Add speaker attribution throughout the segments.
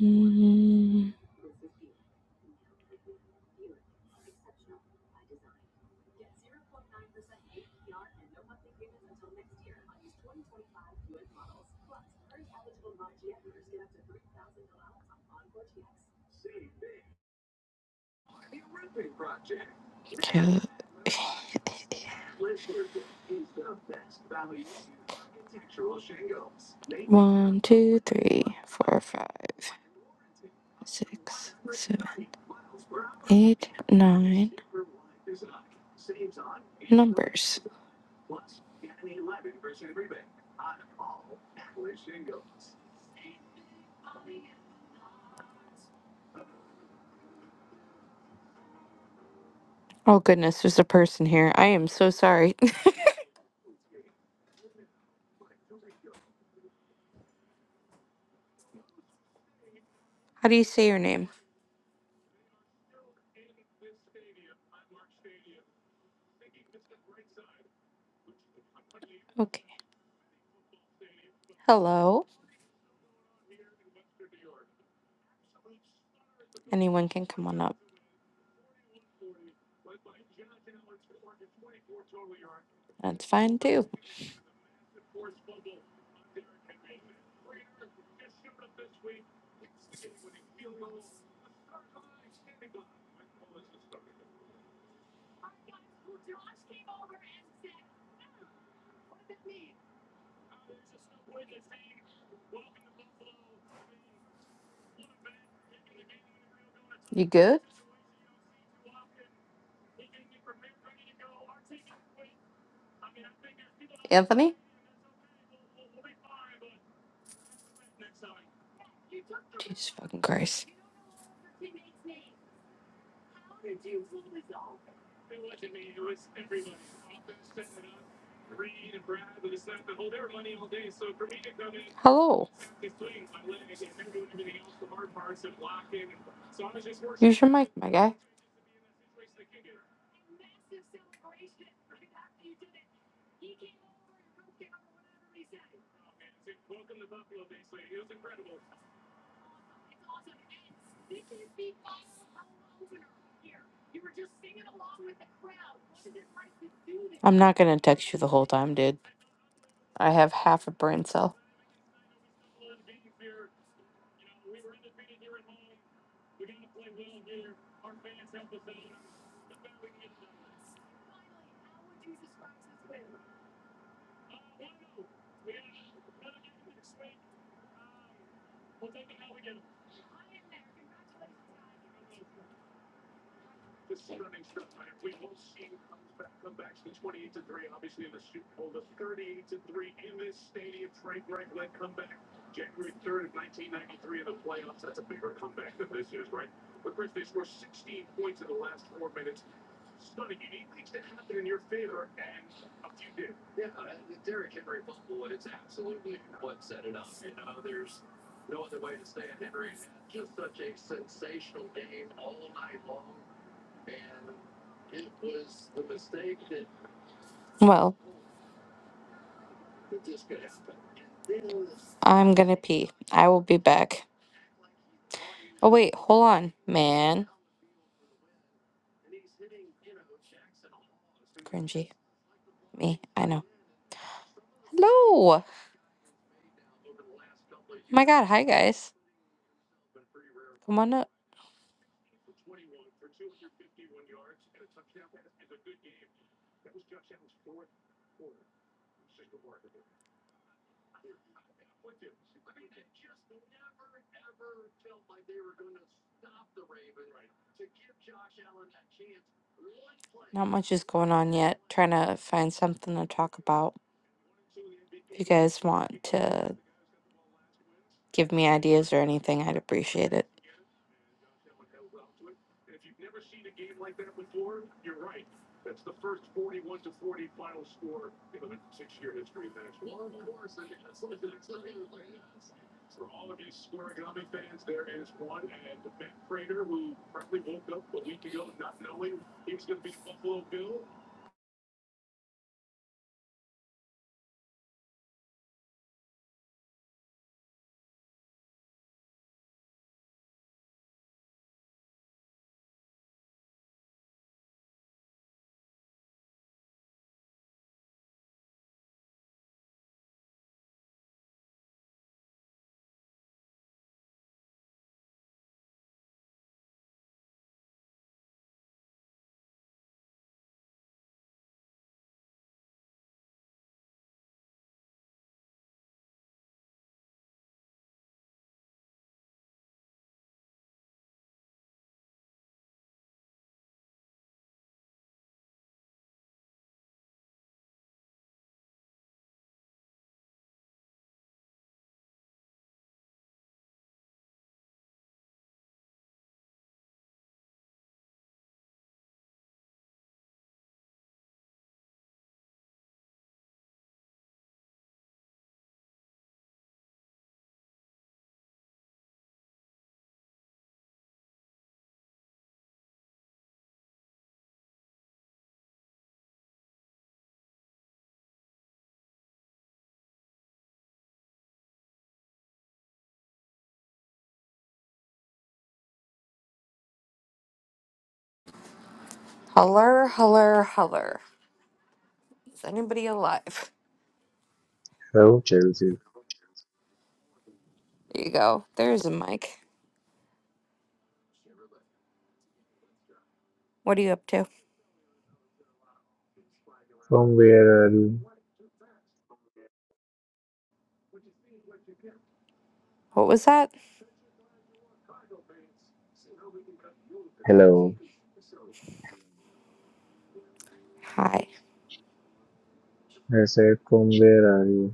Speaker 1: Mm, count one, two, three, four, five, six, seven, eight, nine. Numbers. Oh goodness, there's a person here. I am so sorry. How do you say your name? Okay. Hello. Anyone can come on up. That's fine too. You good, Anthony? Jesus fucking Christ. Hello. Use your mic, my guy. I'm not going to text you the whole time, dude. I have half a brain cell. Well, I'm going to pee. I will be back. Oh, wait, hold on, man. Cringy. Me, I know. Hello. My God, hi, guys. Come on up. Not much is going on yet. Trying to find something to talk about. If you guys want to give me ideas or anything, I'd appreciate it. Holler, holler, holler. Is anybody alive?
Speaker 2: Hello Chelsea,
Speaker 1: There you go. There's a mic. What are you up to?
Speaker 2: from where are you?
Speaker 1: What was that?
Speaker 2: Hello,
Speaker 1: Hi.
Speaker 2: I said from where are you?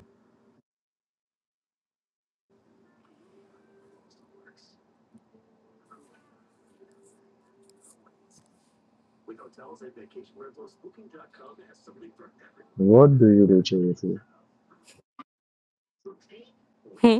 Speaker 2: What do you do Chelsea?
Speaker 1: Hmm.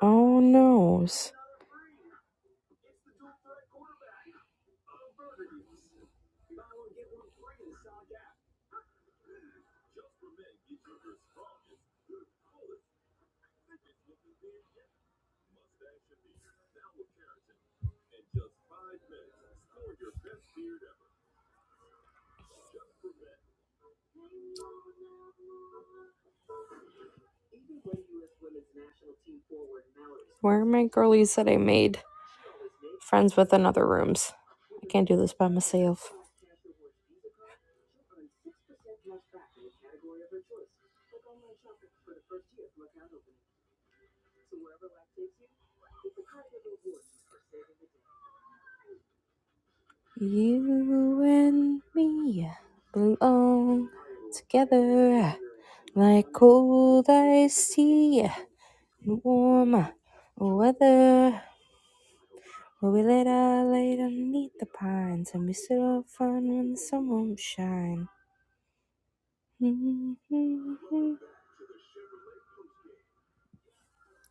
Speaker 1: Oh noes. Where are my girlies that I made friends with in other rooms? I can't do this by myself. You and me belong together like cold iced tea, in warm weather. Where we let our light underneath the pines and we sit all fun when the sun won't shine.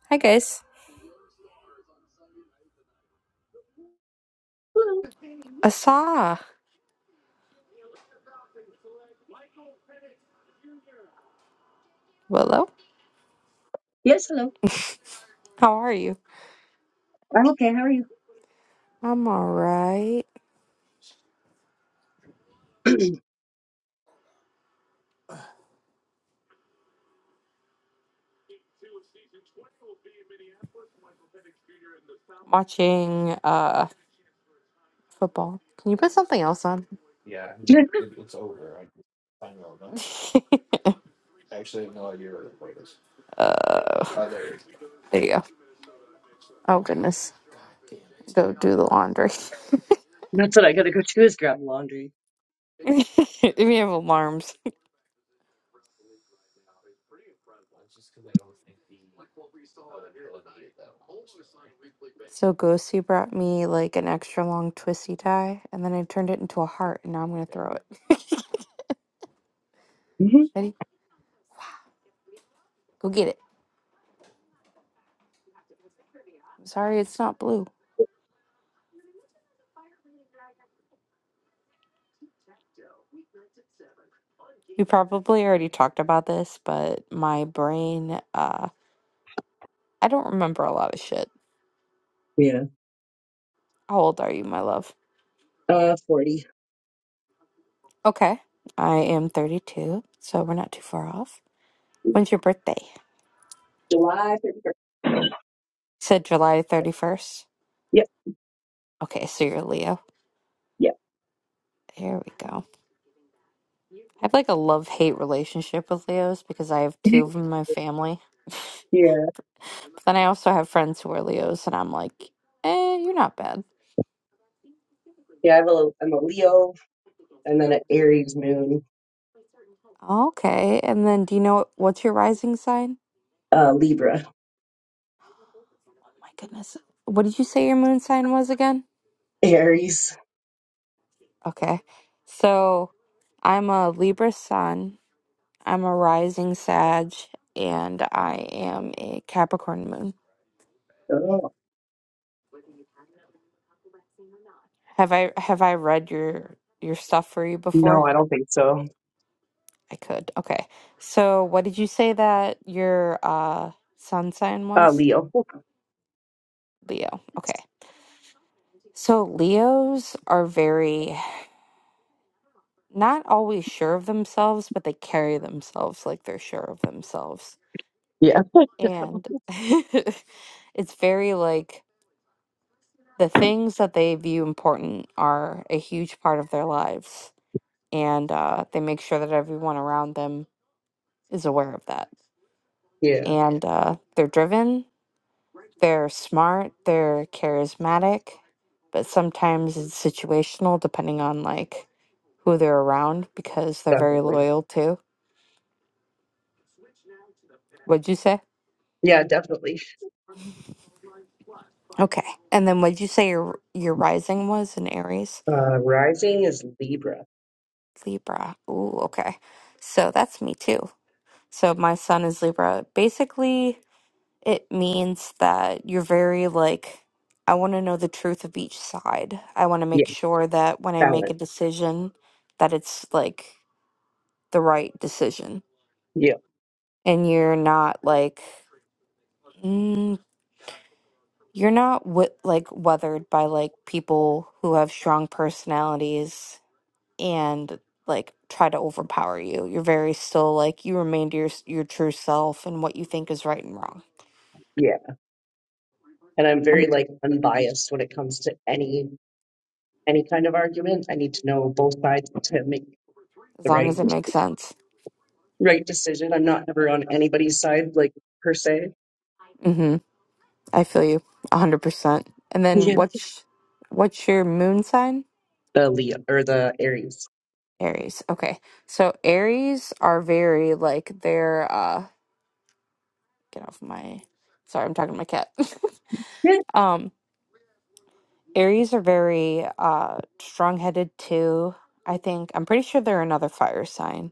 Speaker 1: Hi guys.
Speaker 3: Hello.
Speaker 1: Asa. Willow.
Speaker 3: Yes, hello.
Speaker 1: How are you?
Speaker 3: I'm okay. How are you?
Speaker 1: I'm all right. Watching uh football. Can you put something else on?
Speaker 3: Good.
Speaker 1: Uh, there you go. Oh goodness. Go do the laundry.
Speaker 3: That's what I gotta go do is grab laundry.
Speaker 1: we have alarms. So Ghosty brought me like an extra long twisty tie, and then I turned it into a heart, and now I'm gonna throw it.
Speaker 3: hmm
Speaker 1: Ready? Go get it. I'm sorry, it's not blue. We probably already talked about this, but my brain, uh, I don't remember a lot of shit.
Speaker 3: Yeah.
Speaker 1: How old are you, my love?
Speaker 3: Uh, forty.
Speaker 1: Okay. I am 32, so we're not too far off. When's your birthday? You
Speaker 3: July thirty first.
Speaker 1: said July 31st.
Speaker 3: Yep.
Speaker 1: Okay, so you're a Leo.
Speaker 3: Yep.
Speaker 1: There we go. I have like a love hate relationship with Leos because I have two of them in my family. but
Speaker 3: Yeah.
Speaker 1: then I also have friends who are Leos, and I'm like, eh, you're not bad.
Speaker 3: Yeah. I'm a I'm a Leo and then an Aries moon.
Speaker 1: Okay, and then do you know what's your rising sign?
Speaker 3: Uh, Libra.
Speaker 1: Oh my goodness. What did you say your moon sign was again?
Speaker 3: Aries.
Speaker 1: Okay, so I'm a Libra sun, I'm a rising Sag and I am a Capricorn moon.
Speaker 3: Oh
Speaker 1: Have I have I read your your stuff for you before?
Speaker 3: no, I don't think so.
Speaker 1: I could. Okay. So what did you say that your uh sun sign
Speaker 3: Uh,
Speaker 1: was?
Speaker 3: Leo.
Speaker 1: Leo. Okay. So Leos are very not always sure of themselves, but they carry themselves like they're sure of themselves.
Speaker 3: Yeah.
Speaker 1: And it's very like the things that they view important are a huge part of their lives and uh, they make sure that everyone around them is aware of that.
Speaker 3: Yeah.
Speaker 1: And uh, they're driven, they're smart, they're charismatic, but sometimes it's situational depending on like who they're around because they're very
Speaker 3: Definitely.
Speaker 1: loyal too. What'd you say?
Speaker 3: Yeah. Definitely.
Speaker 1: Okay. And then what'd you say your your rising was in Aries?
Speaker 3: Uh, rising is Libra.
Speaker 1: Libra. Ooh, okay. So that's me too. So my son is Libra. Basically, It means that you're very like, I want to know the truth of each side. I want to make
Speaker 3: Yes.
Speaker 1: sure that when I make a
Speaker 3: Balance.
Speaker 1: decision, that it's like the right decision.
Speaker 3: Yeah.
Speaker 1: And you're not like, mm, you're not wi- like weathered by like people who have strong personalities and like try to overpower you. You're very still like you remain to your your true self and what you think is right and wrong.
Speaker 3: Yeah. And I'm
Speaker 1: Um,
Speaker 3: very like unbiased when it comes to any. any kind of argument. I need to know both sides to make
Speaker 1: As
Speaker 3: the
Speaker 1: long
Speaker 3: right
Speaker 1: as it makes sense.
Speaker 3: right decision. I'm not ever on anybody's side, like per se.
Speaker 1: Mm-hmm. I feel you 100%. And then
Speaker 3: Yeah.
Speaker 1: what's what's your moon sign?
Speaker 3: The Leo or the Aries.
Speaker 1: Aries. Okay. So Aries are very like they're uh get off my sorry, I'm talking to my cat.
Speaker 3: Yeah.
Speaker 1: um Aries are very uh strong-headed too. I think I'm pretty sure they're another fire sign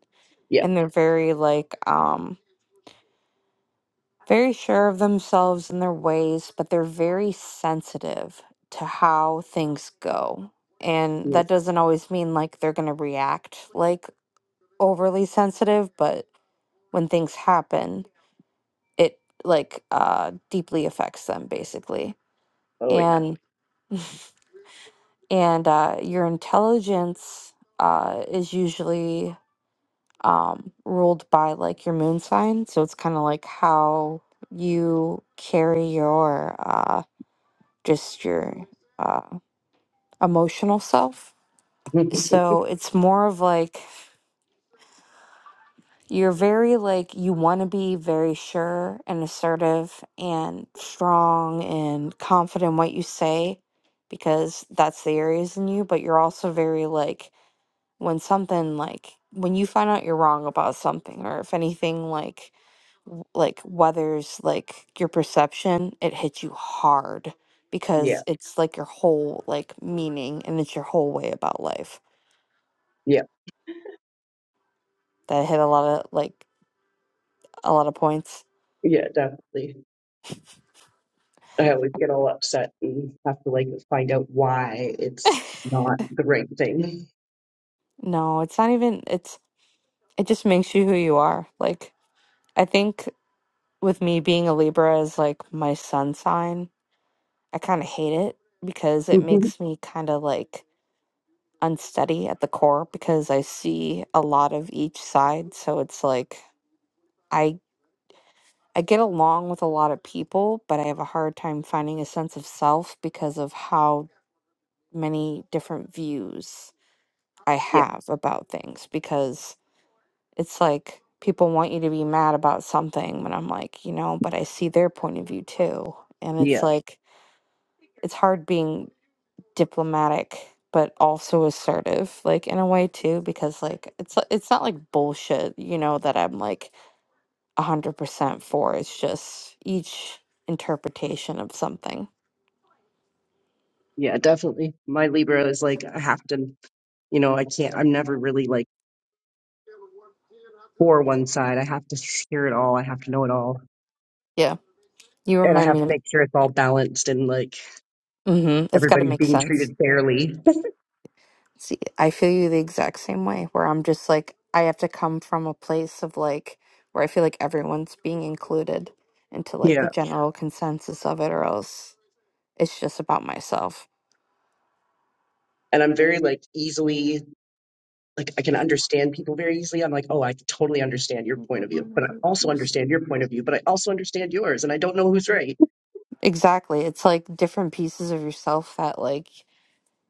Speaker 1: and they're very like um very sure of themselves and their ways, but they're very sensitive to how things go. And
Speaker 3: Yeah.
Speaker 1: that doesn't always mean like they're going to react like overly sensitive, but when things happen, it like uh deeply affects them basically.
Speaker 3: Oh yeah.
Speaker 1: And and uh your intelligence uh is usually um ruled by like your moon sign, so it's kind of like how you carry your uh, just your uh, emotional self. So it's more of like you're very like you want to be very sure and assertive and strong and confident in what you say because that's the areas in you, but you're also very like when something like when you find out you're wrong about something or if anything like w- like weathers like your perception it hits you hard
Speaker 3: yeah.
Speaker 1: because it's like your whole like meaning and it's your whole way about life
Speaker 3: Yeah.
Speaker 1: that hit a lot of like a lot of points
Speaker 3: Yeah. Definitely. I always get all upset and have to like find out why it's not the right thing.
Speaker 1: no it's not even it's it just makes you who you are like i think with me being a libra as like my sun sign i kind of hate it because it
Speaker 3: Mhm.
Speaker 1: makes me kind of like unsteady at the core because I see a lot of each side. So it's like I I get along with a lot of people, but I have a hard time finding a sense of self because of how many different views I
Speaker 3: yeah.
Speaker 1: have about things because it's like people want you to be mad about something but I'm like, you know, but I see their point of view too. And it's
Speaker 3: Yeah.
Speaker 1: like it's hard being diplomatic but also assertive like in a way too because like it's it's not like bullshit you know that i'm like 100% for it's just each interpretation of something
Speaker 3: Yeah. Definitely. My Libra is like I have to. You know, I can't. I'm never really like for one side. I have to hear it all. I have to know it all
Speaker 1: yeah you
Speaker 3: and I
Speaker 1: remind
Speaker 3: have
Speaker 1: me
Speaker 3: to make sure it's all balanced and like
Speaker 1: mm-hmm, it's got to
Speaker 3: everybody's
Speaker 1: make
Speaker 3: being
Speaker 1: sense
Speaker 3: treated fairly.
Speaker 1: see i feel you the exact same way where i'm just like i have to come from a place of like where i feel like everyone's being included into like
Speaker 3: Yeah.
Speaker 1: the general consensus of it or else it's just about myself
Speaker 3: And I'm very like easily like I can understand people very easily. I'm like, oh, I totally understand your
Speaker 1: Can you
Speaker 3: point
Speaker 1: grab
Speaker 3: of
Speaker 1: me
Speaker 3: view, but I
Speaker 1: another
Speaker 3: also
Speaker 1: juice?
Speaker 3: understand your point of view, but I also understand yours, and I don't know who's right.
Speaker 1: Exactly. It's like different pieces of yourself that like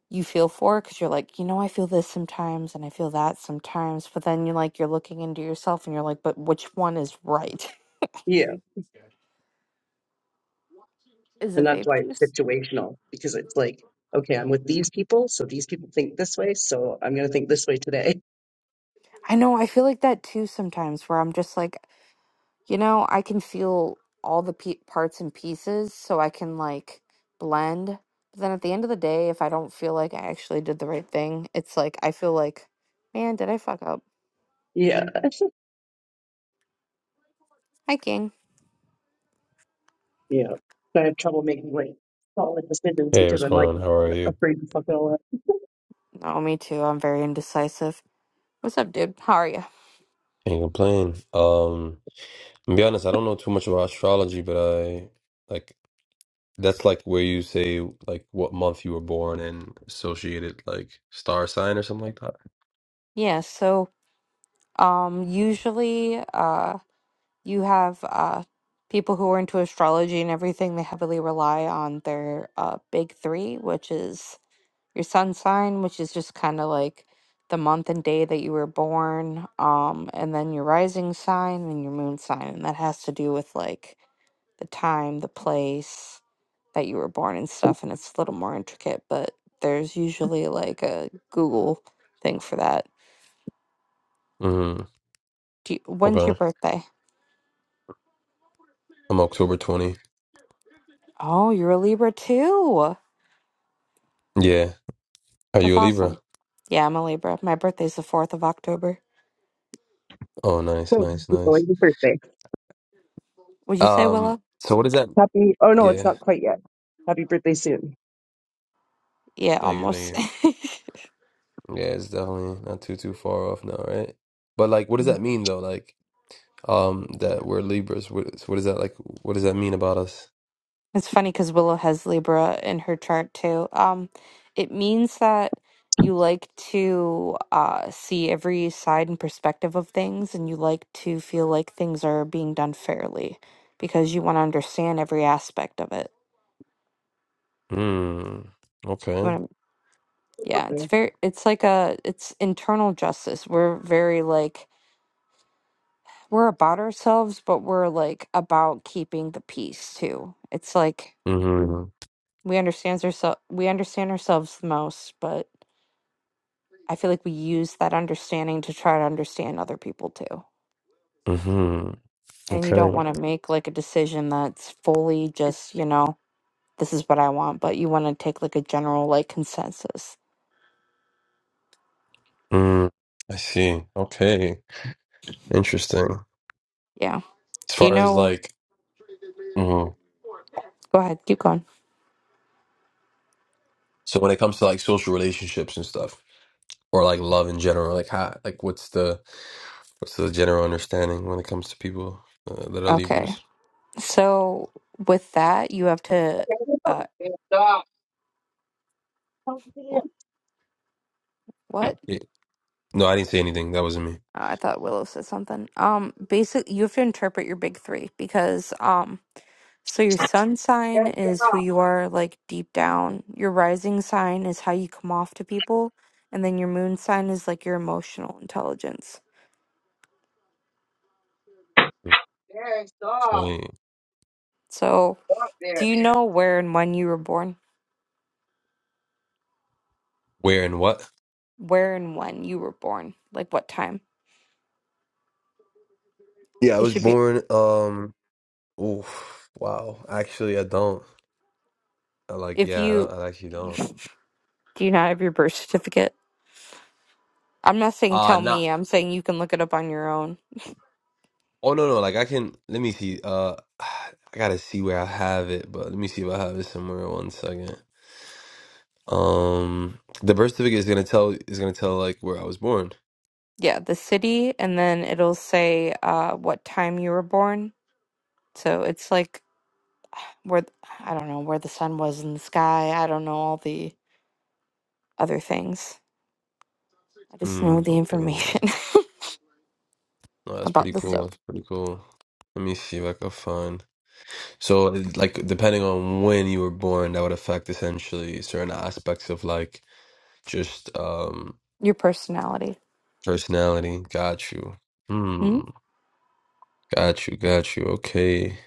Speaker 1: you feel for because you're like, you know, I feel this sometimes and I feel that sometimes. But then you're like, you're looking into yourself and you're like, but which one is right?
Speaker 3: Yeah.
Speaker 1: Is
Speaker 3: And
Speaker 1: it
Speaker 3: that's
Speaker 1: vape
Speaker 3: why it's
Speaker 1: juice?
Speaker 3: situational because it's like, okay, I'm with these people, so these people think this way, so I'm gonna think this way today.
Speaker 1: I know. I feel like that too sometimes where I'm just like, you know, I can feel all the pe- parts and pieces so I can like blend. But then at the end of the day, if I don't feel like I actually did the right thing, it's like, I feel like, man, did I fuck up?
Speaker 3: Yeah.
Speaker 1: hiking?
Speaker 3: Yeah. But I have trouble making like solid decisions
Speaker 4: Hey,
Speaker 3: because
Speaker 4: what's
Speaker 3: I'm
Speaker 4: going
Speaker 3: like
Speaker 4: on? How are you?
Speaker 3: afraid to fuck it all up.
Speaker 1: No, me too. I'm very indecisive. What's up, dude? How are you?
Speaker 4: Can't complain. Um, to be honest, I don't know too much about astrology, but I like that's like where you say like what month you were born and associated like star sign or something like that.
Speaker 1: Yeah, so um usually uh you have uh people who are into astrology and everything, they heavily rely on their uh big three, which is your sun sign, which is just kind of like the month and day that you were born, um, and then your rising sign and your moon sign, and that has to do with like the time, the place that you were born and stuff, and it's a little more intricate, but there's usually like a Google thing for that
Speaker 4: Mm-hmm.
Speaker 1: Do you, when's your
Speaker 4: Okay.
Speaker 1: birthday?
Speaker 4: I'm October 20.
Speaker 1: Oh, you're a Libra too.
Speaker 4: Yeah. Are
Speaker 1: That's
Speaker 4: you a Libra?
Speaker 1: awesome. Yeah, I'm a Libra. My birthday's the 4th of October.
Speaker 4: Oh, nice,
Speaker 3: So,
Speaker 4: nice,
Speaker 3: it's
Speaker 4: nice.
Speaker 3: like the first day.
Speaker 1: Would you say
Speaker 4: Um,
Speaker 1: Willow?
Speaker 4: so what is that?
Speaker 3: Happy, oh no, it's
Speaker 4: Yeah.
Speaker 3: not quite yet. Happy birthday soon.
Speaker 1: Yeah,
Speaker 4: Thank you, thank
Speaker 1: almost.
Speaker 4: you. Yeah, it's definitely not too too far off now, right? But like, what does that mean though? Like, um, that we're Libras. What, so what is that like? What does that mean about us?
Speaker 1: it's funny because Willow has Libra in her chart too. Um, it means that you like to uh, see every side and perspective of things, and you like to feel like things are being done fairly because you want to understand every aspect of it.
Speaker 4: Mm, okay.
Speaker 1: Yeah, it's very it's like a it's internal justice. We're very like we're about ourselves, but we're like about keeping the peace too. It's like
Speaker 4: Mm-hmm.
Speaker 1: we understand ourselves we understand ourselves the most, but I feel like we use that understanding to try to understand other people too.
Speaker 4: Mm-hmm.
Speaker 1: And you
Speaker 4: Okay.
Speaker 1: don't want to make like a decision that's fully just, you know, this is what I want, but you want to take like a general like consensus.
Speaker 4: Mm, I see. Okay. Interesting.
Speaker 1: Yeah.
Speaker 4: As
Speaker 1: Do you
Speaker 4: far as
Speaker 1: know?
Speaker 4: like, mm,
Speaker 1: Go ahead, keep going.
Speaker 4: so when it comes to like social relationships and stuff, or like love in general, like how, like what's the what's the general understanding when it comes to people uh, that are
Speaker 1: Okay.
Speaker 4: Libras?
Speaker 1: So with that, you have to uh
Speaker 3: Okay. Stop.
Speaker 1: wh-
Speaker 3: Yes,
Speaker 1: what?
Speaker 4: Yeah. No, I didn't say anything. That wasn't me.
Speaker 1: Uh, I thought Willow said something. Um basically you have to interpret your big 3 because um so your sun sign is who
Speaker 3: stop.
Speaker 1: you are like deep down. Your rising sign is how you come off to people and then your moon sign is like your emotional intelligence.
Speaker 3: There, stop.
Speaker 4: Okay.
Speaker 1: So
Speaker 3: Stop
Speaker 1: do
Speaker 3: there.
Speaker 1: you know where and when you were born?
Speaker 4: Where and what?
Speaker 1: Where and when you were born? Like what time?
Speaker 4: Yeah, I
Speaker 1: It
Speaker 4: was
Speaker 1: should be
Speaker 4: born. Um. Oof. Wow. Actually, I don't. I, Like,
Speaker 1: if
Speaker 4: yeah, I
Speaker 1: you
Speaker 4: don't. I actually don't.
Speaker 1: do you not have your birth certificate? I'm not saying
Speaker 4: Uh
Speaker 1: tell
Speaker 4: no.
Speaker 1: me, I'm saying you can look it up on your own.
Speaker 4: Oh no no like I can let me see uh I gotta see where I have it but let me see if I have it somewhere one second um the birth certificate is gonna tell is gonna tell like where I was born
Speaker 1: Yeah, the city, and then it'll say uh, what time you were born. So it's like where, th- I don't know, where the sun was in the sky. I don't know all the other things. I just know
Speaker 4: mm,
Speaker 1: the
Speaker 4: okay
Speaker 1: information
Speaker 4: no that's
Speaker 1: about
Speaker 4: pretty
Speaker 1: the
Speaker 4: cool
Speaker 1: stuff,
Speaker 4: that's pretty cool let me see if I can find so like depending on when you were born that would affect essentially certain aspects of like just um
Speaker 1: your personality.
Speaker 4: personality got you
Speaker 1: Hmm?
Speaker 4: hmm got you got you okay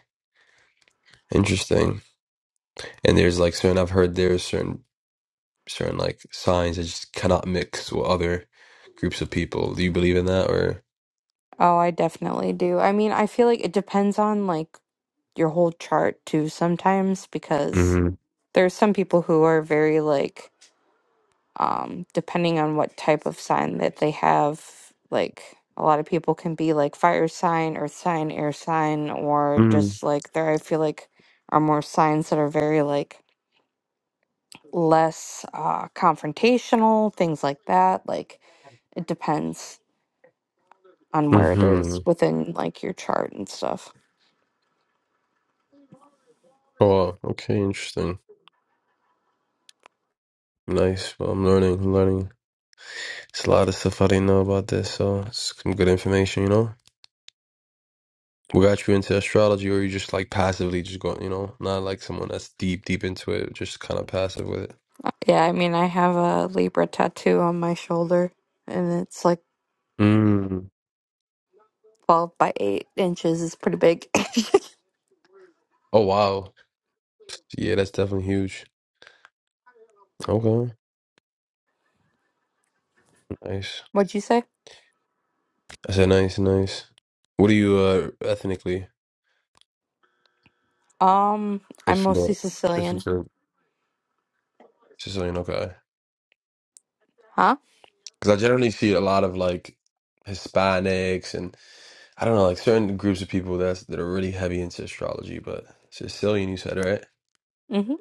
Speaker 4: interesting and there's like certain I've heard there's certain certain like signs that just cannot mix with other groups of people. Do you believe in that or?
Speaker 1: Oh, I definitely do. I mean, I feel like it depends on like your whole chart too sometimes because
Speaker 4: Mm-hmm.
Speaker 1: there's some people who are very like um, depending on what type of sign that they have. Like a lot of people can be like fire sign, earth sign, air sign, or just
Speaker 4: Mm-hmm.
Speaker 1: like there, I feel like are more signs that are very like less uh, confrontational, things like that. Like it depends on where it
Speaker 4: Mm-hmm.
Speaker 1: is within like your chart and stuff.
Speaker 4: Oh, okay, interesting. Nice. Well, I'm learning. I'm learning. It's a lot of stuff I didn't know about this, so it's some good information, you know. What got you into astrology, or you just like passively just going, you know, not like someone that's deep, deep into it, just kind of passive with it.
Speaker 1: Uh, Yeah, I mean, I have a Libra tattoo on my shoulder and it's like
Speaker 4: Mm.
Speaker 1: 12 by 8 inches, it's pretty big.
Speaker 4: Oh wow, yeah, that's definitely huge. Okay, nice.
Speaker 1: What'd you say?
Speaker 4: I said nice, nice. What are you uh ethnically?
Speaker 1: Um, I'm
Speaker 4: If you
Speaker 1: mostly
Speaker 4: don't, if you
Speaker 1: Sicilian.
Speaker 4: are Sicilian, okay.
Speaker 1: Huh?
Speaker 4: Because I generally see a lot of like Hispanics and I don't know, like certain groups of people that's that are really heavy into astrology. But Sicilian, you said right?
Speaker 1: Mm-hmm.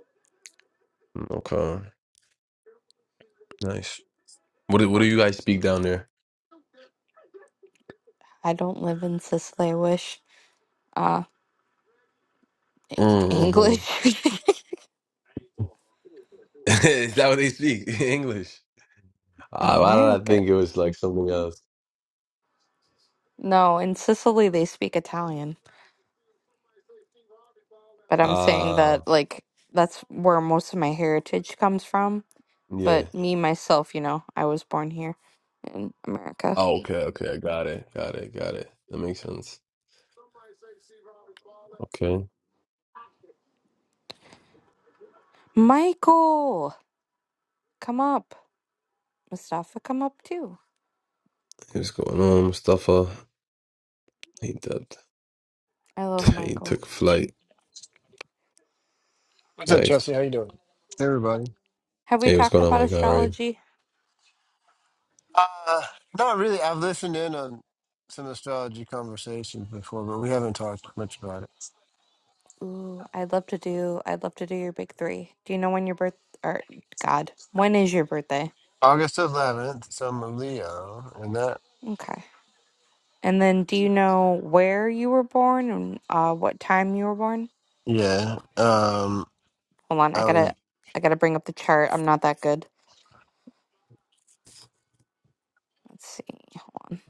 Speaker 4: Mm, Okay, nice. What do, what do you guys speak down there?
Speaker 1: I don't live in Sicily. I wish. Uh,
Speaker 4: Mm-hmm.
Speaker 1: English
Speaker 4: Is that what they speak? English?
Speaker 1: in
Speaker 4: Uh, why did I
Speaker 1: America.
Speaker 4: think it was like something else?
Speaker 1: No, in Sicily they speak Italian. But I'm saying
Speaker 4: Ah,
Speaker 1: that like that's where most of my heritage comes from.
Speaker 4: yeah.
Speaker 1: But me myself, you know, I was born here in America.
Speaker 4: Oh, okay, okay, I got it, got it, got it. That makes sense. Okay.
Speaker 1: Michael, come up. Mustafa, come up too.
Speaker 4: What's going on, Mustafa? He dubbed.
Speaker 1: I love
Speaker 4: He
Speaker 1: Michael.
Speaker 4: took flight.
Speaker 5: What's up,
Speaker 4: Like,
Speaker 5: Chelsea? How you doing? Hey, everybody.
Speaker 1: Have we
Speaker 4: hey, what's
Speaker 1: talked
Speaker 4: going on,
Speaker 1: about
Speaker 4: my guy? All right.
Speaker 1: astrology?
Speaker 5: Uh, not really. I've listened in on some astrology conversations before, but we haven't talked much about it.
Speaker 1: Ooh, I'd love to do. I'd love to do your big three. Do you know when your birth? Or God, when is your birthday?
Speaker 5: August 11th, so I'm a Leo, and that,
Speaker 1: Okay. And then, do you know where you were born and uh, what time you were born?
Speaker 5: yeah. Um,
Speaker 1: Hold on, I
Speaker 5: I was.
Speaker 1: gotta, I gotta bring up the chart. I'm not that good. Let's see. Hold on.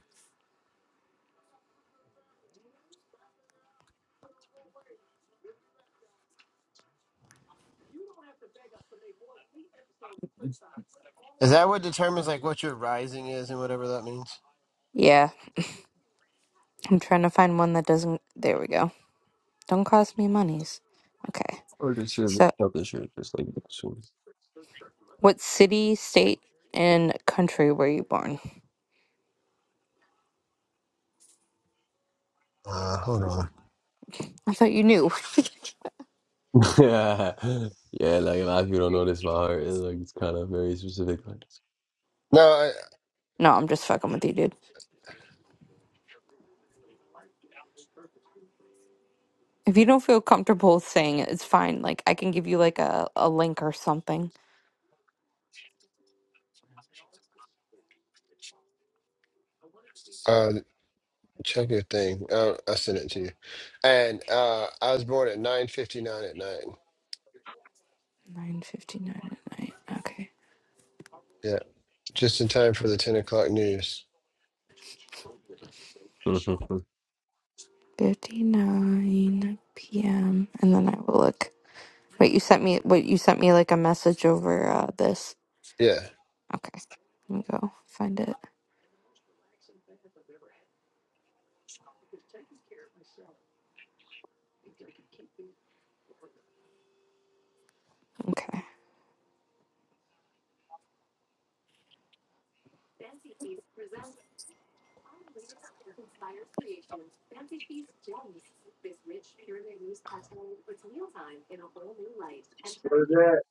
Speaker 5: Is that what determines like what your rising is and whatever that means?
Speaker 1: Yeah, I'm trying to find one that doesn't. There we go. Don't cost me monies. Okay.
Speaker 4: Or this shirt,
Speaker 1: So,
Speaker 4: not this shirt, just like this one.
Speaker 1: what city, state, and country were you born?
Speaker 5: Uh, hold on.
Speaker 1: I thought you knew.
Speaker 4: yeah, yeah. like a lot of people don't know this about her. It's like it's kind of very specific.
Speaker 5: No,
Speaker 1: no, I'm just fucking with you, dude. If you don't feel comfortable saying it, it's fine. Like I can give you like a, a link or something.
Speaker 5: I, uh, check your thing. Uh, I sent it to you. And uh, I was born at 9:59 at night.
Speaker 1: Nine fifty nine at night. Okay.
Speaker 5: Yeah, just in time for the 10 o'clock news.
Speaker 4: Like,
Speaker 1: Fifty nine PM and then I will look. Wait, you sent me wait, you sent me like a message over uh this.
Speaker 5: Yeah.
Speaker 1: Okay. Let me go find it. Okay.
Speaker 3: Go there.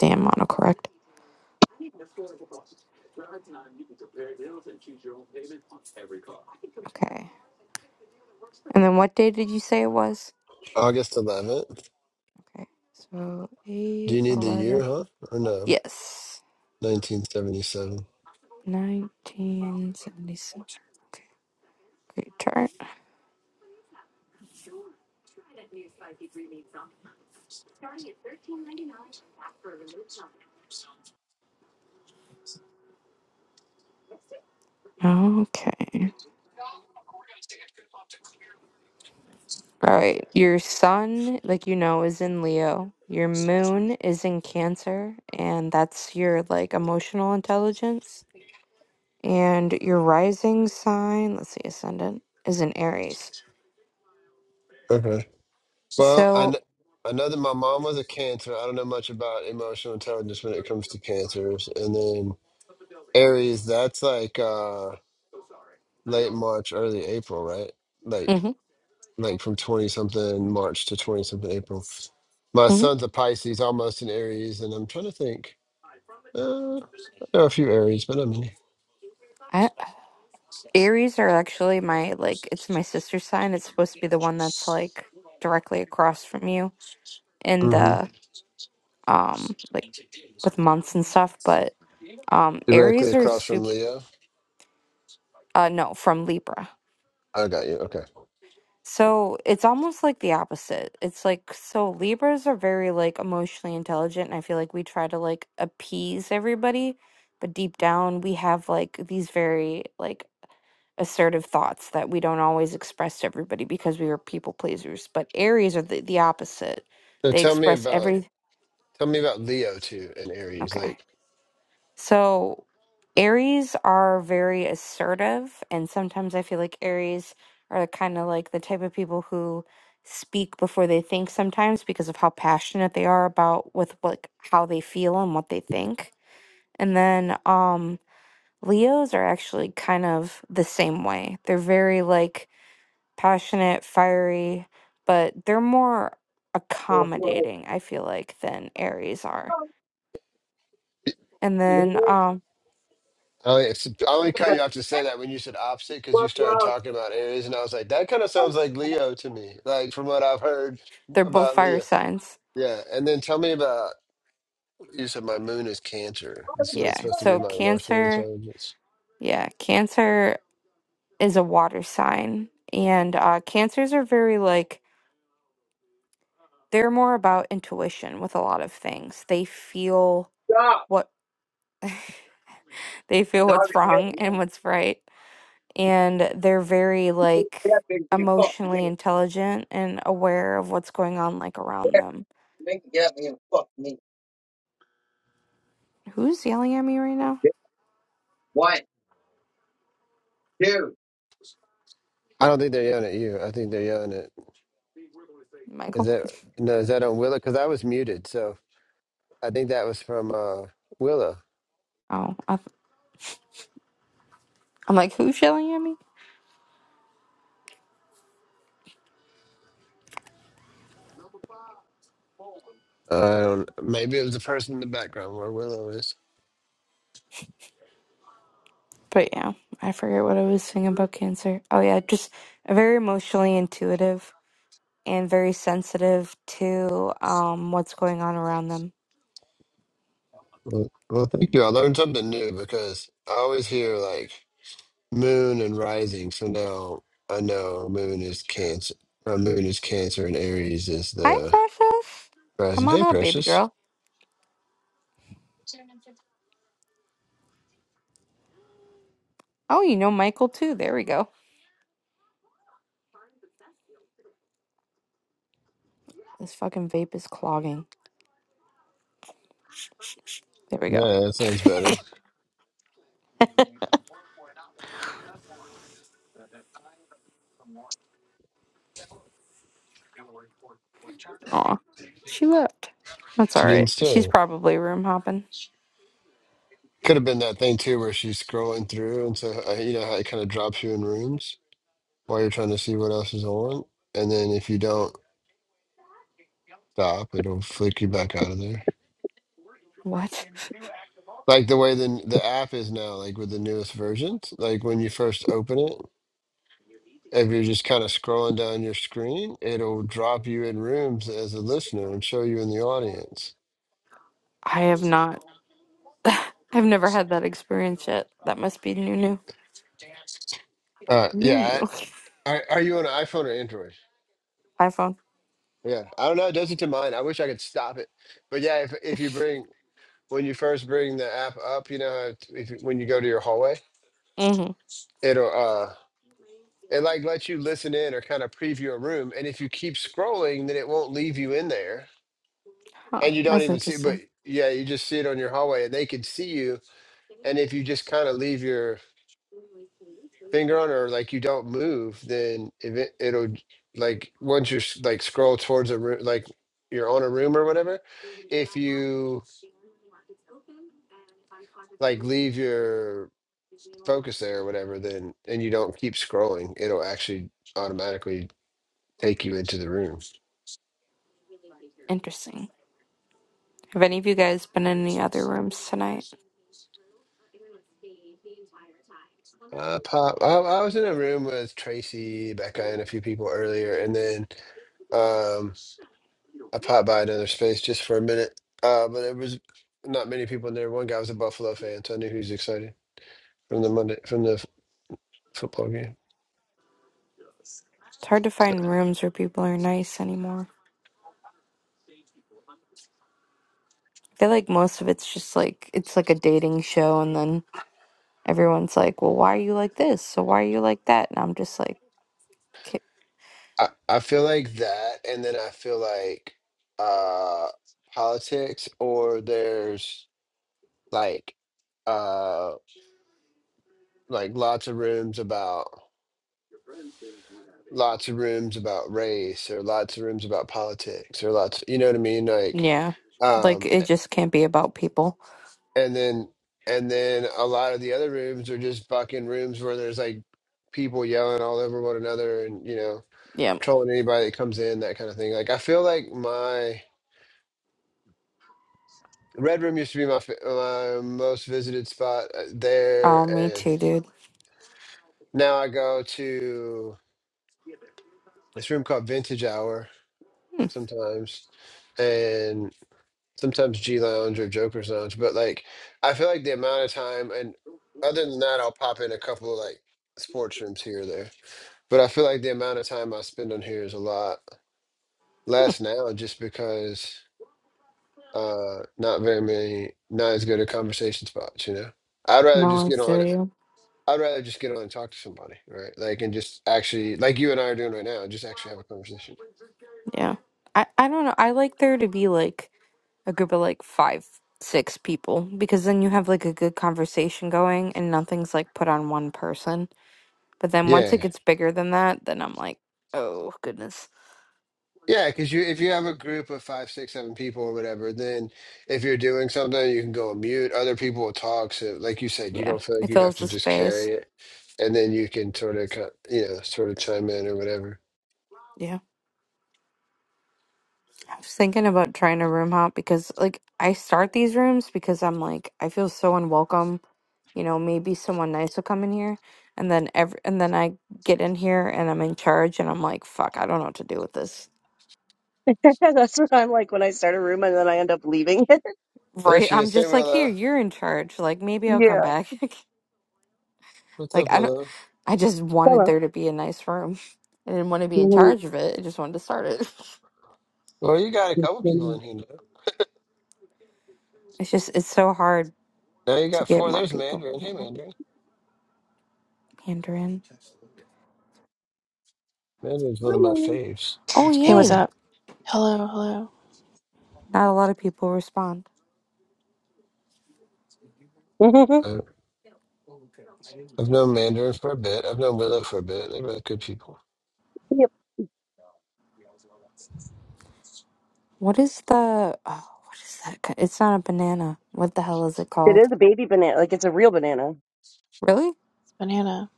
Speaker 1: Damn autocorrect. Okay. And then what day did you say it was?
Speaker 5: August 11th.
Speaker 1: Okay. So
Speaker 5: Do
Speaker 1: eight
Speaker 5: you need the year,
Speaker 1: eleven.
Speaker 5: huh? Or no?
Speaker 1: Yes.
Speaker 5: 1977.
Speaker 1: Nineteen seventy seven. Great chart. Okay. All right. Your sun, like you know, is in Leo. Your moon is in Cancer, and that's your like emotional intelligence. And your rising sign, let's see, ascendant, is in Aries.
Speaker 5: Okay. Well, I, kn-
Speaker 1: So,
Speaker 5: I know that my mom was a Cancer. I don't know much about emotional intelligence when it comes to Cancers. And then Aries, that's like uh late March, early April, right? Like
Speaker 1: mhm,
Speaker 5: like from 20 something March to 20 something April. My
Speaker 1: mhm.
Speaker 5: son's a Pisces, almost an Aries, and I'm trying to think. Uh, there are a few Aries, but not many.
Speaker 1: I, Aries are actually my like, it's my sister's sign. It's supposed to be the one that's like directly across from you in
Speaker 5: hmm
Speaker 1: the um like with months and stuff, but um
Speaker 5: Directly
Speaker 1: Aries are
Speaker 5: across from
Speaker 1: super
Speaker 5: Leo.
Speaker 1: uh no, from Libra.
Speaker 5: I got you. Okay.
Speaker 1: So it's almost like the opposite. It's like so Libras are very like emotionally intelligent and I feel like we try to like appease everybody, but deep down we have like these very like assertive thoughts that we don't always express to everybody because we are people pleasers. But Aries are the, the opposite.
Speaker 5: So
Speaker 1: They
Speaker 5: tell me
Speaker 1: express
Speaker 5: about
Speaker 1: every
Speaker 5: Tell me about Leo too and Aries.
Speaker 1: okay.
Speaker 5: Like
Speaker 1: So, Aries are very assertive, and sometimes I feel like Aries are kind of like the type of people who speak before they think sometimes because of how passionate they are about with like how they feel and what they think. And then um Leos are actually kind of the same way. They're very like passionate, fiery, but they're more
Speaker 3: Go slow.
Speaker 1: accommodating, I feel like, than Aries are. And
Speaker 3: Yeah.
Speaker 1: then um
Speaker 5: I only, it's- I only cut you off to say that when you said opposite because you
Speaker 3: What's
Speaker 5: started
Speaker 3: wrong?
Speaker 5: talking about Aries and I was like, that kind of sounds like Leo to me. Like from what I've heard
Speaker 1: they're both
Speaker 5: about
Speaker 1: fire
Speaker 5: Leo.
Speaker 1: signs.
Speaker 5: Yeah, and then tell me about you said my moon is Cancer, and so that's
Speaker 1: Yeah,
Speaker 5: supposed to be
Speaker 1: so
Speaker 5: my emotional
Speaker 1: Cancer,
Speaker 5: intelligence.
Speaker 1: yeah, Cancer is a water sign, and uh, Cancers are very like they're more about intuition with a lot of things. They feel what they feel
Speaker 3: Stop
Speaker 1: what's wrong and what's right, and they're very like emotionally intelligent and aware of what's going on like around
Speaker 3: there.
Speaker 1: them.
Speaker 3: Make it get me and fuck me.
Speaker 1: Who's yelling at me right now?
Speaker 3: One, two.
Speaker 5: I don't think they're yelling at you. I think they're yelling at is
Speaker 1: Michael?
Speaker 5: that no is that on Willow? Because I was muted, so I think that was from uh Willow.
Speaker 1: Oh, I th- I'm like, who's yelling at me?
Speaker 5: I don't. Maybe it was the person in the background where Willow is.
Speaker 1: But yeah, I forget what I was saying about cancer. Oh yeah, just very emotionally intuitive and very sensitive to um what's going on around them.
Speaker 5: Well, well, thank you. I learned something new because I always hear like moon and rising. So now I know moon is cancer. My moon is cancer and Aries is
Speaker 1: Hi,
Speaker 5: the
Speaker 1: precious. Come
Speaker 5: rising.
Speaker 1: on
Speaker 5: Hey,
Speaker 1: up, baby
Speaker 5: precious.
Speaker 1: girl. Oh, you know Michael too. There we go. This fucking vape is clogging. There we go.
Speaker 5: Nah, that sounds better.
Speaker 1: Aw, she left. That's all
Speaker 5: She
Speaker 1: right.
Speaker 5: didn't
Speaker 1: She's
Speaker 5: say.
Speaker 1: probably room hopping.
Speaker 5: Could have been that thing too where she's scrolling through. And so, uh, you know how it kind of drops you in rooms while you're trying to see what else is on. And then if you don't stop, it'll flick you back out of there.
Speaker 1: What?
Speaker 5: Like the way the, the app is now, like with the newest versions, like when you first open it. if you're just kind of scrolling down your screen, it'll drop you in rooms as a listener and show you in the audience.
Speaker 1: I have not. I've never had that experience yet. That must be new, new,
Speaker 5: Uh,
Speaker 1: new,
Speaker 5: yeah.
Speaker 1: new.
Speaker 5: I, are, are you on an iPhone or Android?
Speaker 1: iPhone.
Speaker 5: Yeah. I don't know. It does it to mine. I wish I could stop it. But yeah, if, if you bring, when you first bring the app up, you know, how it- if, you- when you go to your hallway,
Speaker 1: Mm-hmm.
Speaker 5: it'll, uh, it like lets you listen in or kind of preview a room. And if you keep scrolling, then it won't leave you in there
Speaker 1: Huh.
Speaker 5: and you don't
Speaker 1: That's
Speaker 5: even see, but
Speaker 1: interesting.
Speaker 5: yeah, you just see it on your hallway and they can see you. And if you just kind of leave your finger on or like you don't move, then if it, it'll like once you s- like scroll towards a room, like you're on a room or whatever, if you like leave your focus there or whatever, then and you don't keep scrolling, it'll actually automatically take you into the room.
Speaker 1: Interesting. Have any of you guys been in any other rooms tonight?
Speaker 5: Uh, pop. I, I was in a room with Tracy, Becca, and a few people earlier, and then um, I popped by another space just for a minute. Uh, but there was not many people in there. One guy was a Buffalo fan, so I knew he was excited. from the Monday from the f- football game.
Speaker 1: It's hard to find rooms where people are nice anymore. I feel like most of it's just like it's like a dating show, and then everyone's like, "Well, why are you like this? So why are you like that?" And I'm just like, "K-
Speaker 5: I, I feel like that, and then I feel like uh politics or there's like uh like lots of rooms about lots of rooms about race or lots of rooms about politics or lots you know what I mean like
Speaker 1: "Yeah, like
Speaker 5: um
Speaker 1: it just can't be about people."
Speaker 5: and then and then a lot of the other rooms are just fucking rooms where there's like people yelling all over one another and you know
Speaker 1: Yeah.
Speaker 5: trolling anybody that comes in that kind of thing like I feel like my Red Room used to be my fa- my most visited spot uh,
Speaker 1: Oh,
Speaker 5: there,
Speaker 1: me
Speaker 5: and
Speaker 1: too, dude.
Speaker 5: now I go to this room called Vintage Hour sometimes, and sometimes G Lounge or Joker's Lounge. But like, I feel like the amount of time, and other than that, I'll pop in a couple of like sports rooms here or there. But I feel like the amount of time I spend on here is a lot less now, just because uh not very many, not as good a conversation spots, you know. I'd rather just
Speaker 1: No, I
Speaker 5: get on.
Speaker 1: feel you.
Speaker 5: I'd rather just get on and talk to somebody, right? Like, and just actually, like you and I are doing right now, just actually have a conversation.
Speaker 1: Yeah. I, I don't know. I like there to be like a group of like five, six people because then you have like a good conversation going and nothing's like put on one person. But then once
Speaker 5: Yeah.
Speaker 1: it gets bigger than that, then I'm like, oh goodness.
Speaker 5: Yeah. Cause you, if you have a group of five, six, seven people or whatever, then if you're doing something, you can go on mute. Other people will talk. So, like you said, you
Speaker 1: Yeah.
Speaker 5: don't feel like
Speaker 1: It
Speaker 5: you have
Speaker 1: fills
Speaker 5: to
Speaker 1: the
Speaker 5: just
Speaker 1: space.
Speaker 5: carry it. And then you can sort of, cut- you know, sort of chime in or whatever.
Speaker 1: Yeah. I was thinking about trying to room hop because like I start these rooms because I'm like, I feel so unwelcome. You know, maybe someone nice will come in here and then every and then I get in here and I'm in charge and I'm like, fuck, I don't know what to do with this.
Speaker 3: That's what I'm like when I start a room and then I end up leaving.
Speaker 5: There
Speaker 1: Right?
Speaker 5: she
Speaker 1: I'm
Speaker 5: is. Hey,
Speaker 1: just like, here,
Speaker 5: Willow.
Speaker 1: you're in charge. Like, maybe I'll come
Speaker 3: Yeah.
Speaker 1: back.
Speaker 5: What's
Speaker 1: Like,
Speaker 5: up,
Speaker 1: I don't,
Speaker 5: Willow?
Speaker 1: I just wanted
Speaker 3: Hello.
Speaker 1: there to be a nice room. I didn't want to be in charge of it. I just wanted to start it.
Speaker 5: Well, you got a couple people
Speaker 3: Mhm.
Speaker 5: in here now.
Speaker 1: It's just, it's so hard
Speaker 5: Now you
Speaker 1: to
Speaker 5: got
Speaker 1: get
Speaker 5: four.
Speaker 1: more
Speaker 5: There's
Speaker 1: people
Speaker 5: Mandarin.
Speaker 1: in
Speaker 5: Hey,
Speaker 1: here.
Speaker 5: Mandarin.
Speaker 1: Mandarin.
Speaker 5: Mandarin's one of my
Speaker 3: Hello.
Speaker 5: faves.
Speaker 1: Oh,
Speaker 5: What's
Speaker 6: Hey, what's
Speaker 5: going
Speaker 1: yay.
Speaker 6: up? Hello, hello.
Speaker 1: Not a lot of people respond.
Speaker 3: Mhm.
Speaker 5: on? I've known Mandarin for a bit. I've known Willow for a bit. They're really good people.
Speaker 3: yep.
Speaker 1: What is the, oh, what is that? ki- It's not a banana. What the hell is it
Speaker 3: It
Speaker 1: called?
Speaker 3: is a baby banana. Like it's a real banana.
Speaker 1: Really?
Speaker 6: It's banana.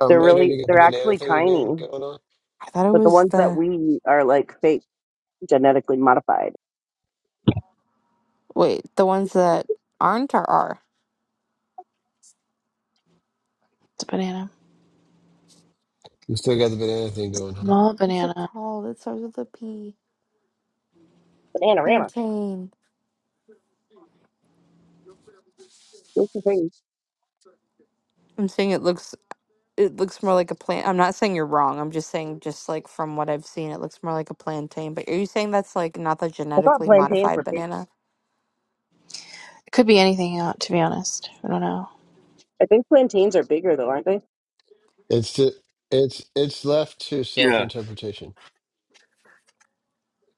Speaker 5: Oh,
Speaker 3: They're
Speaker 5: Mandarin,
Speaker 3: really,
Speaker 5: you got the
Speaker 3: they're
Speaker 5: banana
Speaker 3: actually
Speaker 5: thing again
Speaker 3: tiny.
Speaker 5: going on?
Speaker 1: I thought it
Speaker 3: But the
Speaker 1: was
Speaker 3: ones that
Speaker 1: the,
Speaker 3: we eat are like fake, genetically modified.
Speaker 1: wait, the ones that aren't or are.
Speaker 6: It's a banana.
Speaker 5: You still got the banana thing going on?
Speaker 6: Small
Speaker 1: What's it
Speaker 6: banana.
Speaker 1: called? It starts with a P.
Speaker 3: Bananarama.
Speaker 1: Plantain.
Speaker 3: Here's the thing.
Speaker 1: I'm saying it looks it looks more like a plant. I'm not saying you're wrong. I'm just saying just like from what I've seen, it looks more like a plantain. But are you saying that's like not the
Speaker 3: I thought
Speaker 1: genetically
Speaker 3: plantains
Speaker 1: modified
Speaker 3: were big.
Speaker 1: banana?
Speaker 6: It could be anything, uh, to be honest. I don't know.
Speaker 3: I think plantains are bigger though, aren't they?
Speaker 5: It's to, it's it's left to self
Speaker 7: Yeah.
Speaker 5: interpretation.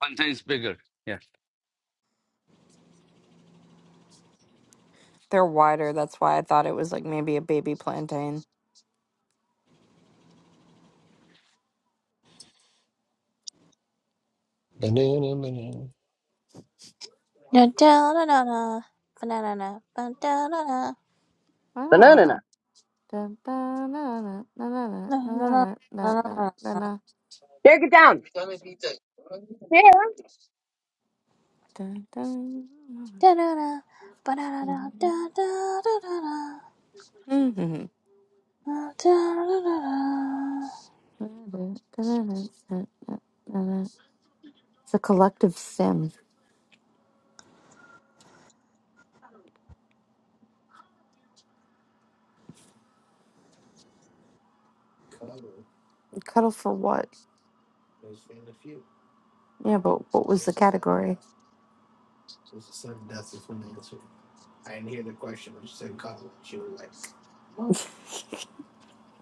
Speaker 7: Contains bigger. Yeah.
Speaker 1: They're wider. That's why I thought it was like maybe a baby plantain.
Speaker 5: Banana, banana.
Speaker 6: Na da na na na. Banana na. Ba da na na.
Speaker 1: I don't
Speaker 3: Banana.
Speaker 1: wanna. Dun, dun, dun, dun, dun, dun,
Speaker 6: Na
Speaker 1: dun,
Speaker 6: na
Speaker 1: dun,
Speaker 6: na na
Speaker 1: dun,
Speaker 6: na.
Speaker 1: dun,
Speaker 3: There, get down. Yeah.
Speaker 1: dun,
Speaker 6: Da na na. Banana na. Da da da da da. Da da da da da.
Speaker 1: dun, dun, dun, dun. It's a collective sim. Cuddle for what? Yeah, but what was the category?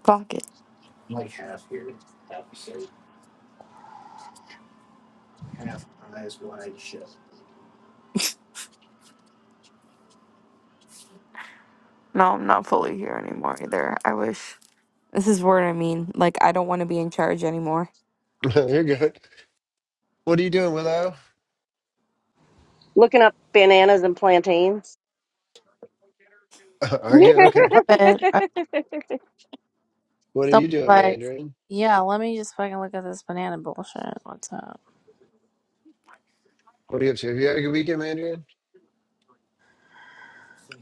Speaker 1: Pockets. No, I'm not fully here anymore either. I wish. This is what I mean. Like, I don't want to be in charge anymore.
Speaker 5: You're good. What are you doing, Willow?
Speaker 3: Looking up bananas and plantains.
Speaker 5: Are
Speaker 3: yeah,
Speaker 5: you okay?
Speaker 6: Love it. I-
Speaker 5: What are you
Speaker 6: Someone's
Speaker 5: doing,
Speaker 6: like,
Speaker 5: Mandarin?
Speaker 6: yeah, let me just fucking look at this banana bullshit. What's up?
Speaker 5: What are you up to? Have you had a good weekend, Mandarin?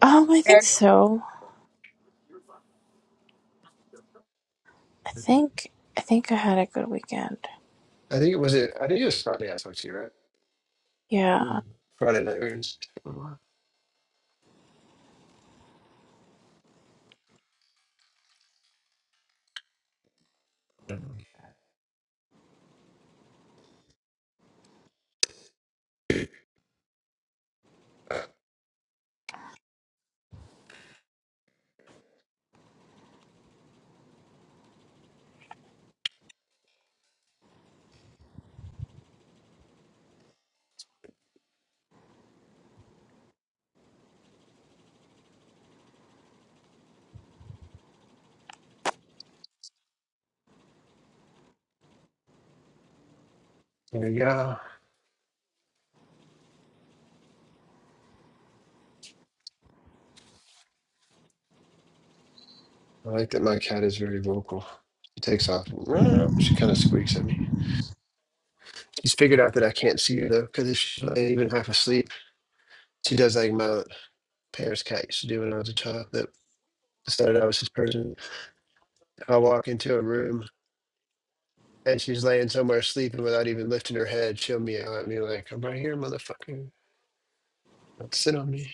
Speaker 6: Um, I think so. I think, I think I had a good weekend.
Speaker 5: I think it was it. I think it was Friday. I talked to you, right?
Speaker 6: Yeah.
Speaker 5: Friday night. we were just- There you go. I like that my cat is very vocal. She takes off. and She kind of squeaks at me. She's figured out that I can't see her though, because if she's not even half asleep, she does like my parents' cat used to do when I was a child. That decided I was his person. I walk into a room and she's laying somewhere sleeping without even lifting her head. She'll meow at me like, "I'm right here, motherfucker. Don't sit on me."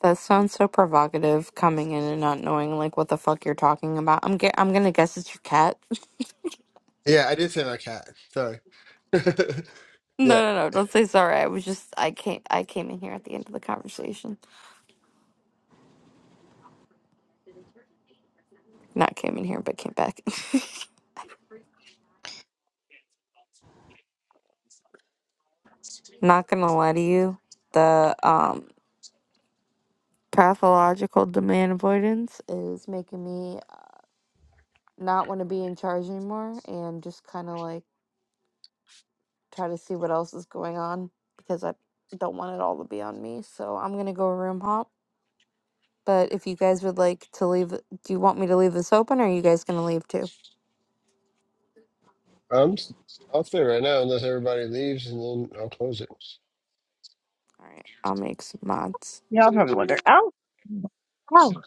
Speaker 1: That sounds so provocative, coming in and not knowing like what the fuck you're talking about. I'm ge- I'm gonna guess it's your cat. no,
Speaker 5: Yeah, I did say my cat. Sorry. yeah,
Speaker 1: no, no. Don't say sorry. I was just I came I came in here at the end of the conversation. Not came in here, but came back. not gonna lie to you. The um pathological demand avoidance is making me not want to be in charge anymore and just kind of like try to see what else is going on because I don't want it all to be on me. So I'm gonna go room hop. But if you guys would like to leave, do you want me to leave this open, or are you guys gonna leave too?
Speaker 5: I'm. s- I'll stay right now unless everybody leaves, and then I'll close it.
Speaker 1: All right, I'll make some mods.
Speaker 3: I'll probably wonder. Ow, ow,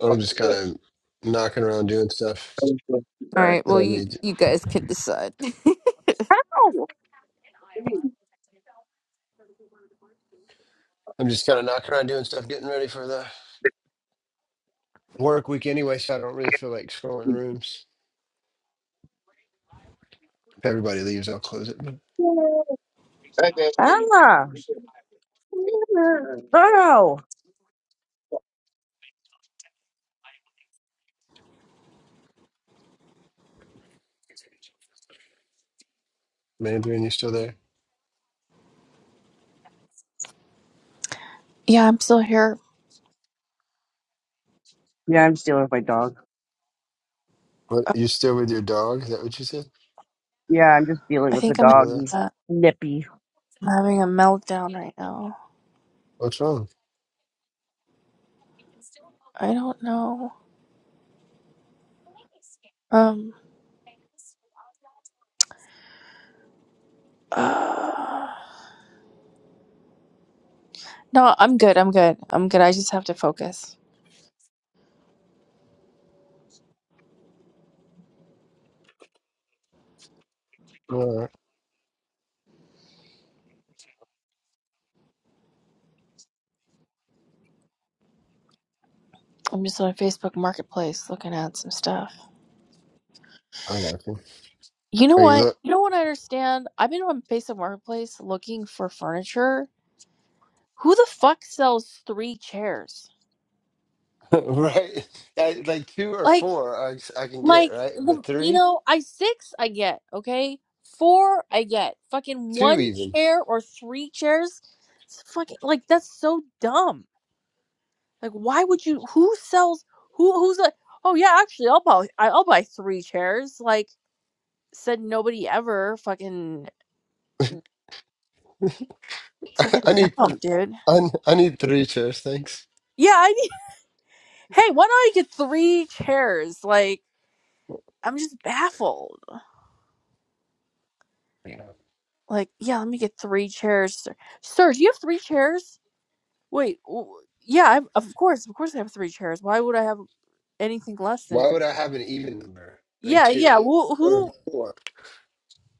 Speaker 5: I'm just kind of knocking around doing stuff
Speaker 1: All right,
Speaker 5: that
Speaker 1: well
Speaker 5: I
Speaker 1: you
Speaker 5: need. to-
Speaker 1: you guys can decide.
Speaker 3: ow.
Speaker 5: I'm just kind of knocking around doing stuff, getting ready for the work week anyway, so I don't really feel like scrolling rooms. If everybody leaves, I'll close it. But
Speaker 3: Ah. Oh!
Speaker 5: Mandarin, you still there?
Speaker 6: Yeah, I'm still here.
Speaker 3: Yeah, I'm dealing with my dog.
Speaker 5: What?
Speaker 6: Uh,
Speaker 5: You still with your dog? Is that what you said?
Speaker 3: Yeah, I'm just dealing
Speaker 6: I
Speaker 3: with the
Speaker 6: think I'm,
Speaker 3: dog.
Speaker 5: Willa?
Speaker 3: He's
Speaker 6: uh,
Speaker 3: nippy.
Speaker 6: I'm having a meltdown right now.
Speaker 5: What's wrong?
Speaker 6: I don't know. Um. Uh, no, I'm good. I'm good. I'm good. I just have to focus.
Speaker 5: All right.
Speaker 6: I'm just on Facebook Marketplace looking at some stuff.
Speaker 5: I got you.
Speaker 6: You know
Speaker 5: Are you
Speaker 6: what?
Speaker 5: look
Speaker 6: You know what I understand? I've been on Facebook Marketplace looking for furniture. Who the fuck sells three chairs?
Speaker 5: right? I, like two or
Speaker 6: Like.
Speaker 5: four, I, I can get
Speaker 6: Like
Speaker 5: right,
Speaker 6: the
Speaker 5: but
Speaker 6: you
Speaker 5: three,
Speaker 6: know, I six I get, okay? Four I get. Fucking
Speaker 5: two
Speaker 6: one
Speaker 5: even.
Speaker 6: chair or three chairs. It's fucking like that's so dumb. Like why would you who sells who who's like, "Oh yeah, actually I'll buy I- I'll buy three chairs." Like said nobody ever. Fucking
Speaker 5: I
Speaker 6: fucking
Speaker 5: need
Speaker 6: dumb, dude.
Speaker 5: I, I need three chairs, thanks.
Speaker 6: Yeah, I need, Hey, why don't I get three chairs? Like I'm just baffled. Like, yeah, let me get three chairs. Sir, sir do you have three chairs? Wait, w- yeah, I, of course, of course, I have three chairs. Why would I have anything less than
Speaker 5: Why
Speaker 6: three?
Speaker 5: would I have an even number? Like
Speaker 6: Yeah, yeah.
Speaker 5: two
Speaker 6: Who,
Speaker 5: or
Speaker 6: who,
Speaker 5: four?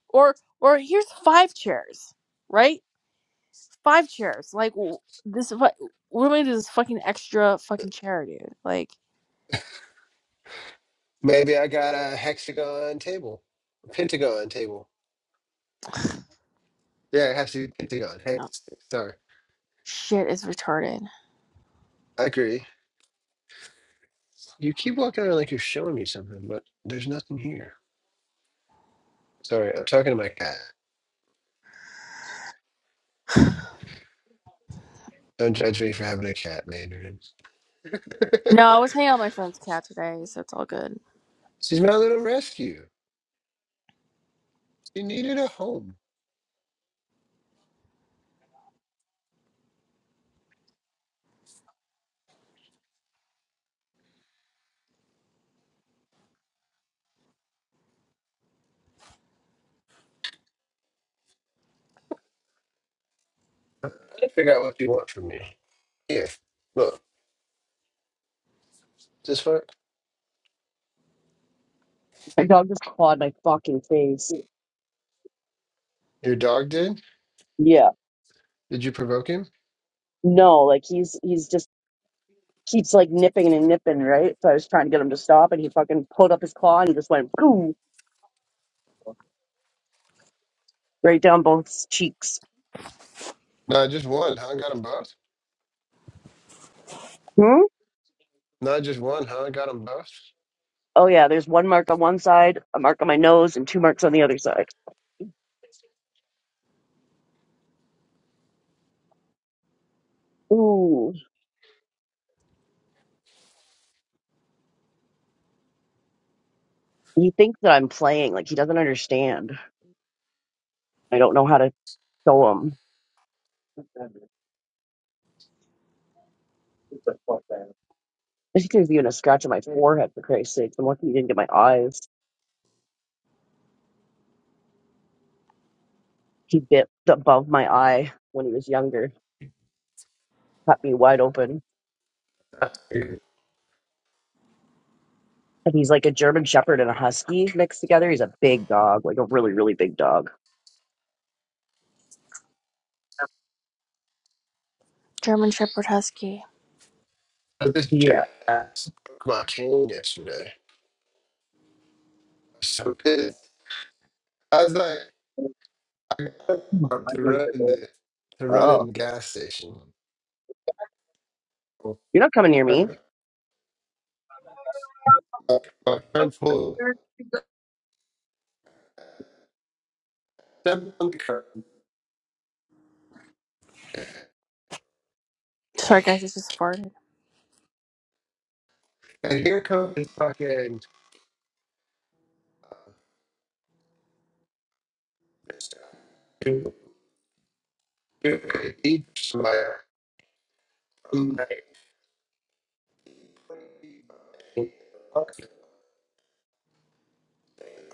Speaker 6: or, or here's five chairs, right? Five chairs. Like w- this. fu- What am I gonna do? This fucking extra fucking chair, dude. Like,
Speaker 5: Maybe I got a hexagon table, a pentagon table. Yeah, it has to be pentagon.
Speaker 6: oh,
Speaker 5: Hex, sorry.
Speaker 6: shit is retarded.
Speaker 5: I agree. You keep walking around like you're showing me something, but there's nothing here. Sorry, I'm talking to my cat. Don't judge me for having a cat, Mandarin.
Speaker 6: No, I was hanging out with my friend's cat today, so it's all good.
Speaker 5: She's my little rescue. She needed a home. I didn't figure out what you want from me. Here, look. This one?
Speaker 3: My dog just clawed my fucking face.
Speaker 5: Your dog did?
Speaker 3: Yeah.
Speaker 5: Did you provoke him?
Speaker 3: No, like he's he's just keeps like nipping and nipping, right? So I was trying to get him to stop and he fucking pulled up his claw and just went boom right down both cheeks.
Speaker 5: No, just one, huh? Got them both?
Speaker 3: Hmm?
Speaker 5: No, just one, huh? Got them both?
Speaker 3: Oh yeah, there's one mark on one side, a mark on my nose, and two marks on the other side. Ooh. He thinks that I'm playing, like he doesn't understand. I don't know how to show him. She could be even a scratch on my forehead for Christ's sake. I'm lucky he didn't get my eyes. He bit above my eye when he was younger, cut me wide open. And he's like a German Shepherd and a Husky mixed together. He's a big dog, like a really, really big dog.
Speaker 6: German Shepherd Husky.
Speaker 5: But this
Speaker 3: Yeah.
Speaker 5: jackass broke my cane yesterday. I was so pissed. I was like, I got to run in the, to run in
Speaker 3: Oh,
Speaker 5: the gas station
Speaker 3: you're not coming near
Speaker 5: Uh,
Speaker 3: me.
Speaker 5: I'm full. Step on the curb.
Speaker 6: Sorry, guys, I just farted.
Speaker 5: And here comes fucking Mr. Deep Slayer. I'm like, okay.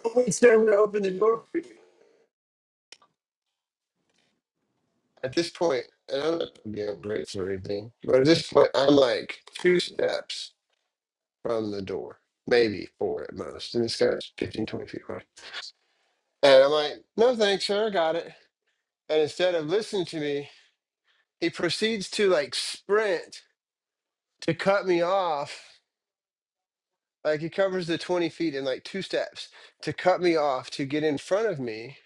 Speaker 5: Oh, sir, I'm gonna open the door for you. At this point, and I'm not gonna be on breaks or anything, but at this point, I'm like two steps from the door, maybe four at most. And this guy's 15 20 feet away. And I'm like, no thanks, sir, I got it. And instead of listening to me, he proceeds to like sprint to cut me off, like he covers the 20 feet in like two steps to cut me off to get in front of me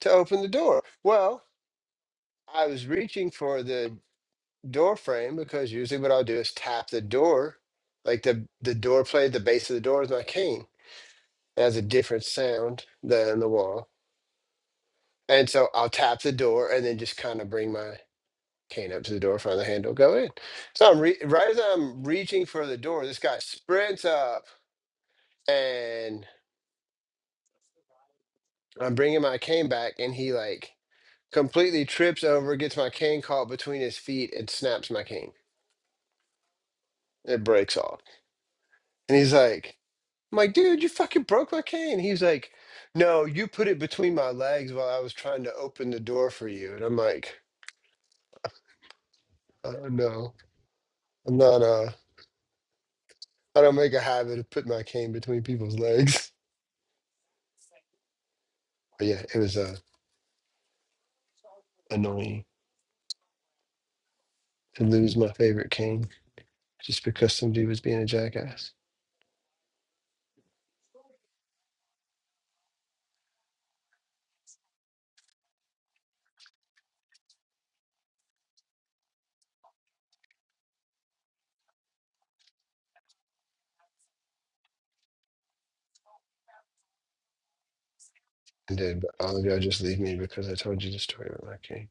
Speaker 5: to open the door. Well, I was reaching for the door frame because usually what I'll do is tap the door, like the, the door plate, the base of the door is my cane. It has a different sound than the wall. And so I'll tap the door and then just kind of bring my cane up to the door, find the handle, go in. So I'm re- right as I'm reaching for the door, this guy sprints up and I'm bringing my cane back, and he like completely trips over, gets my cane caught between his feet, and snaps my cane. It breaks off, and he's like, "I'm like, dude, you fucking broke my cane." He's like, "No, you put it between my legs while I was trying to open the door for you." And I'm like, "Oh no, I'm not. Uh, I don't make a habit of putting my cane between people's legs." But yeah, it was uh annoying to lose my favorite cane just because somebody was being a jackass. I did, but all of y'all just leave me because I told you the story about my cane.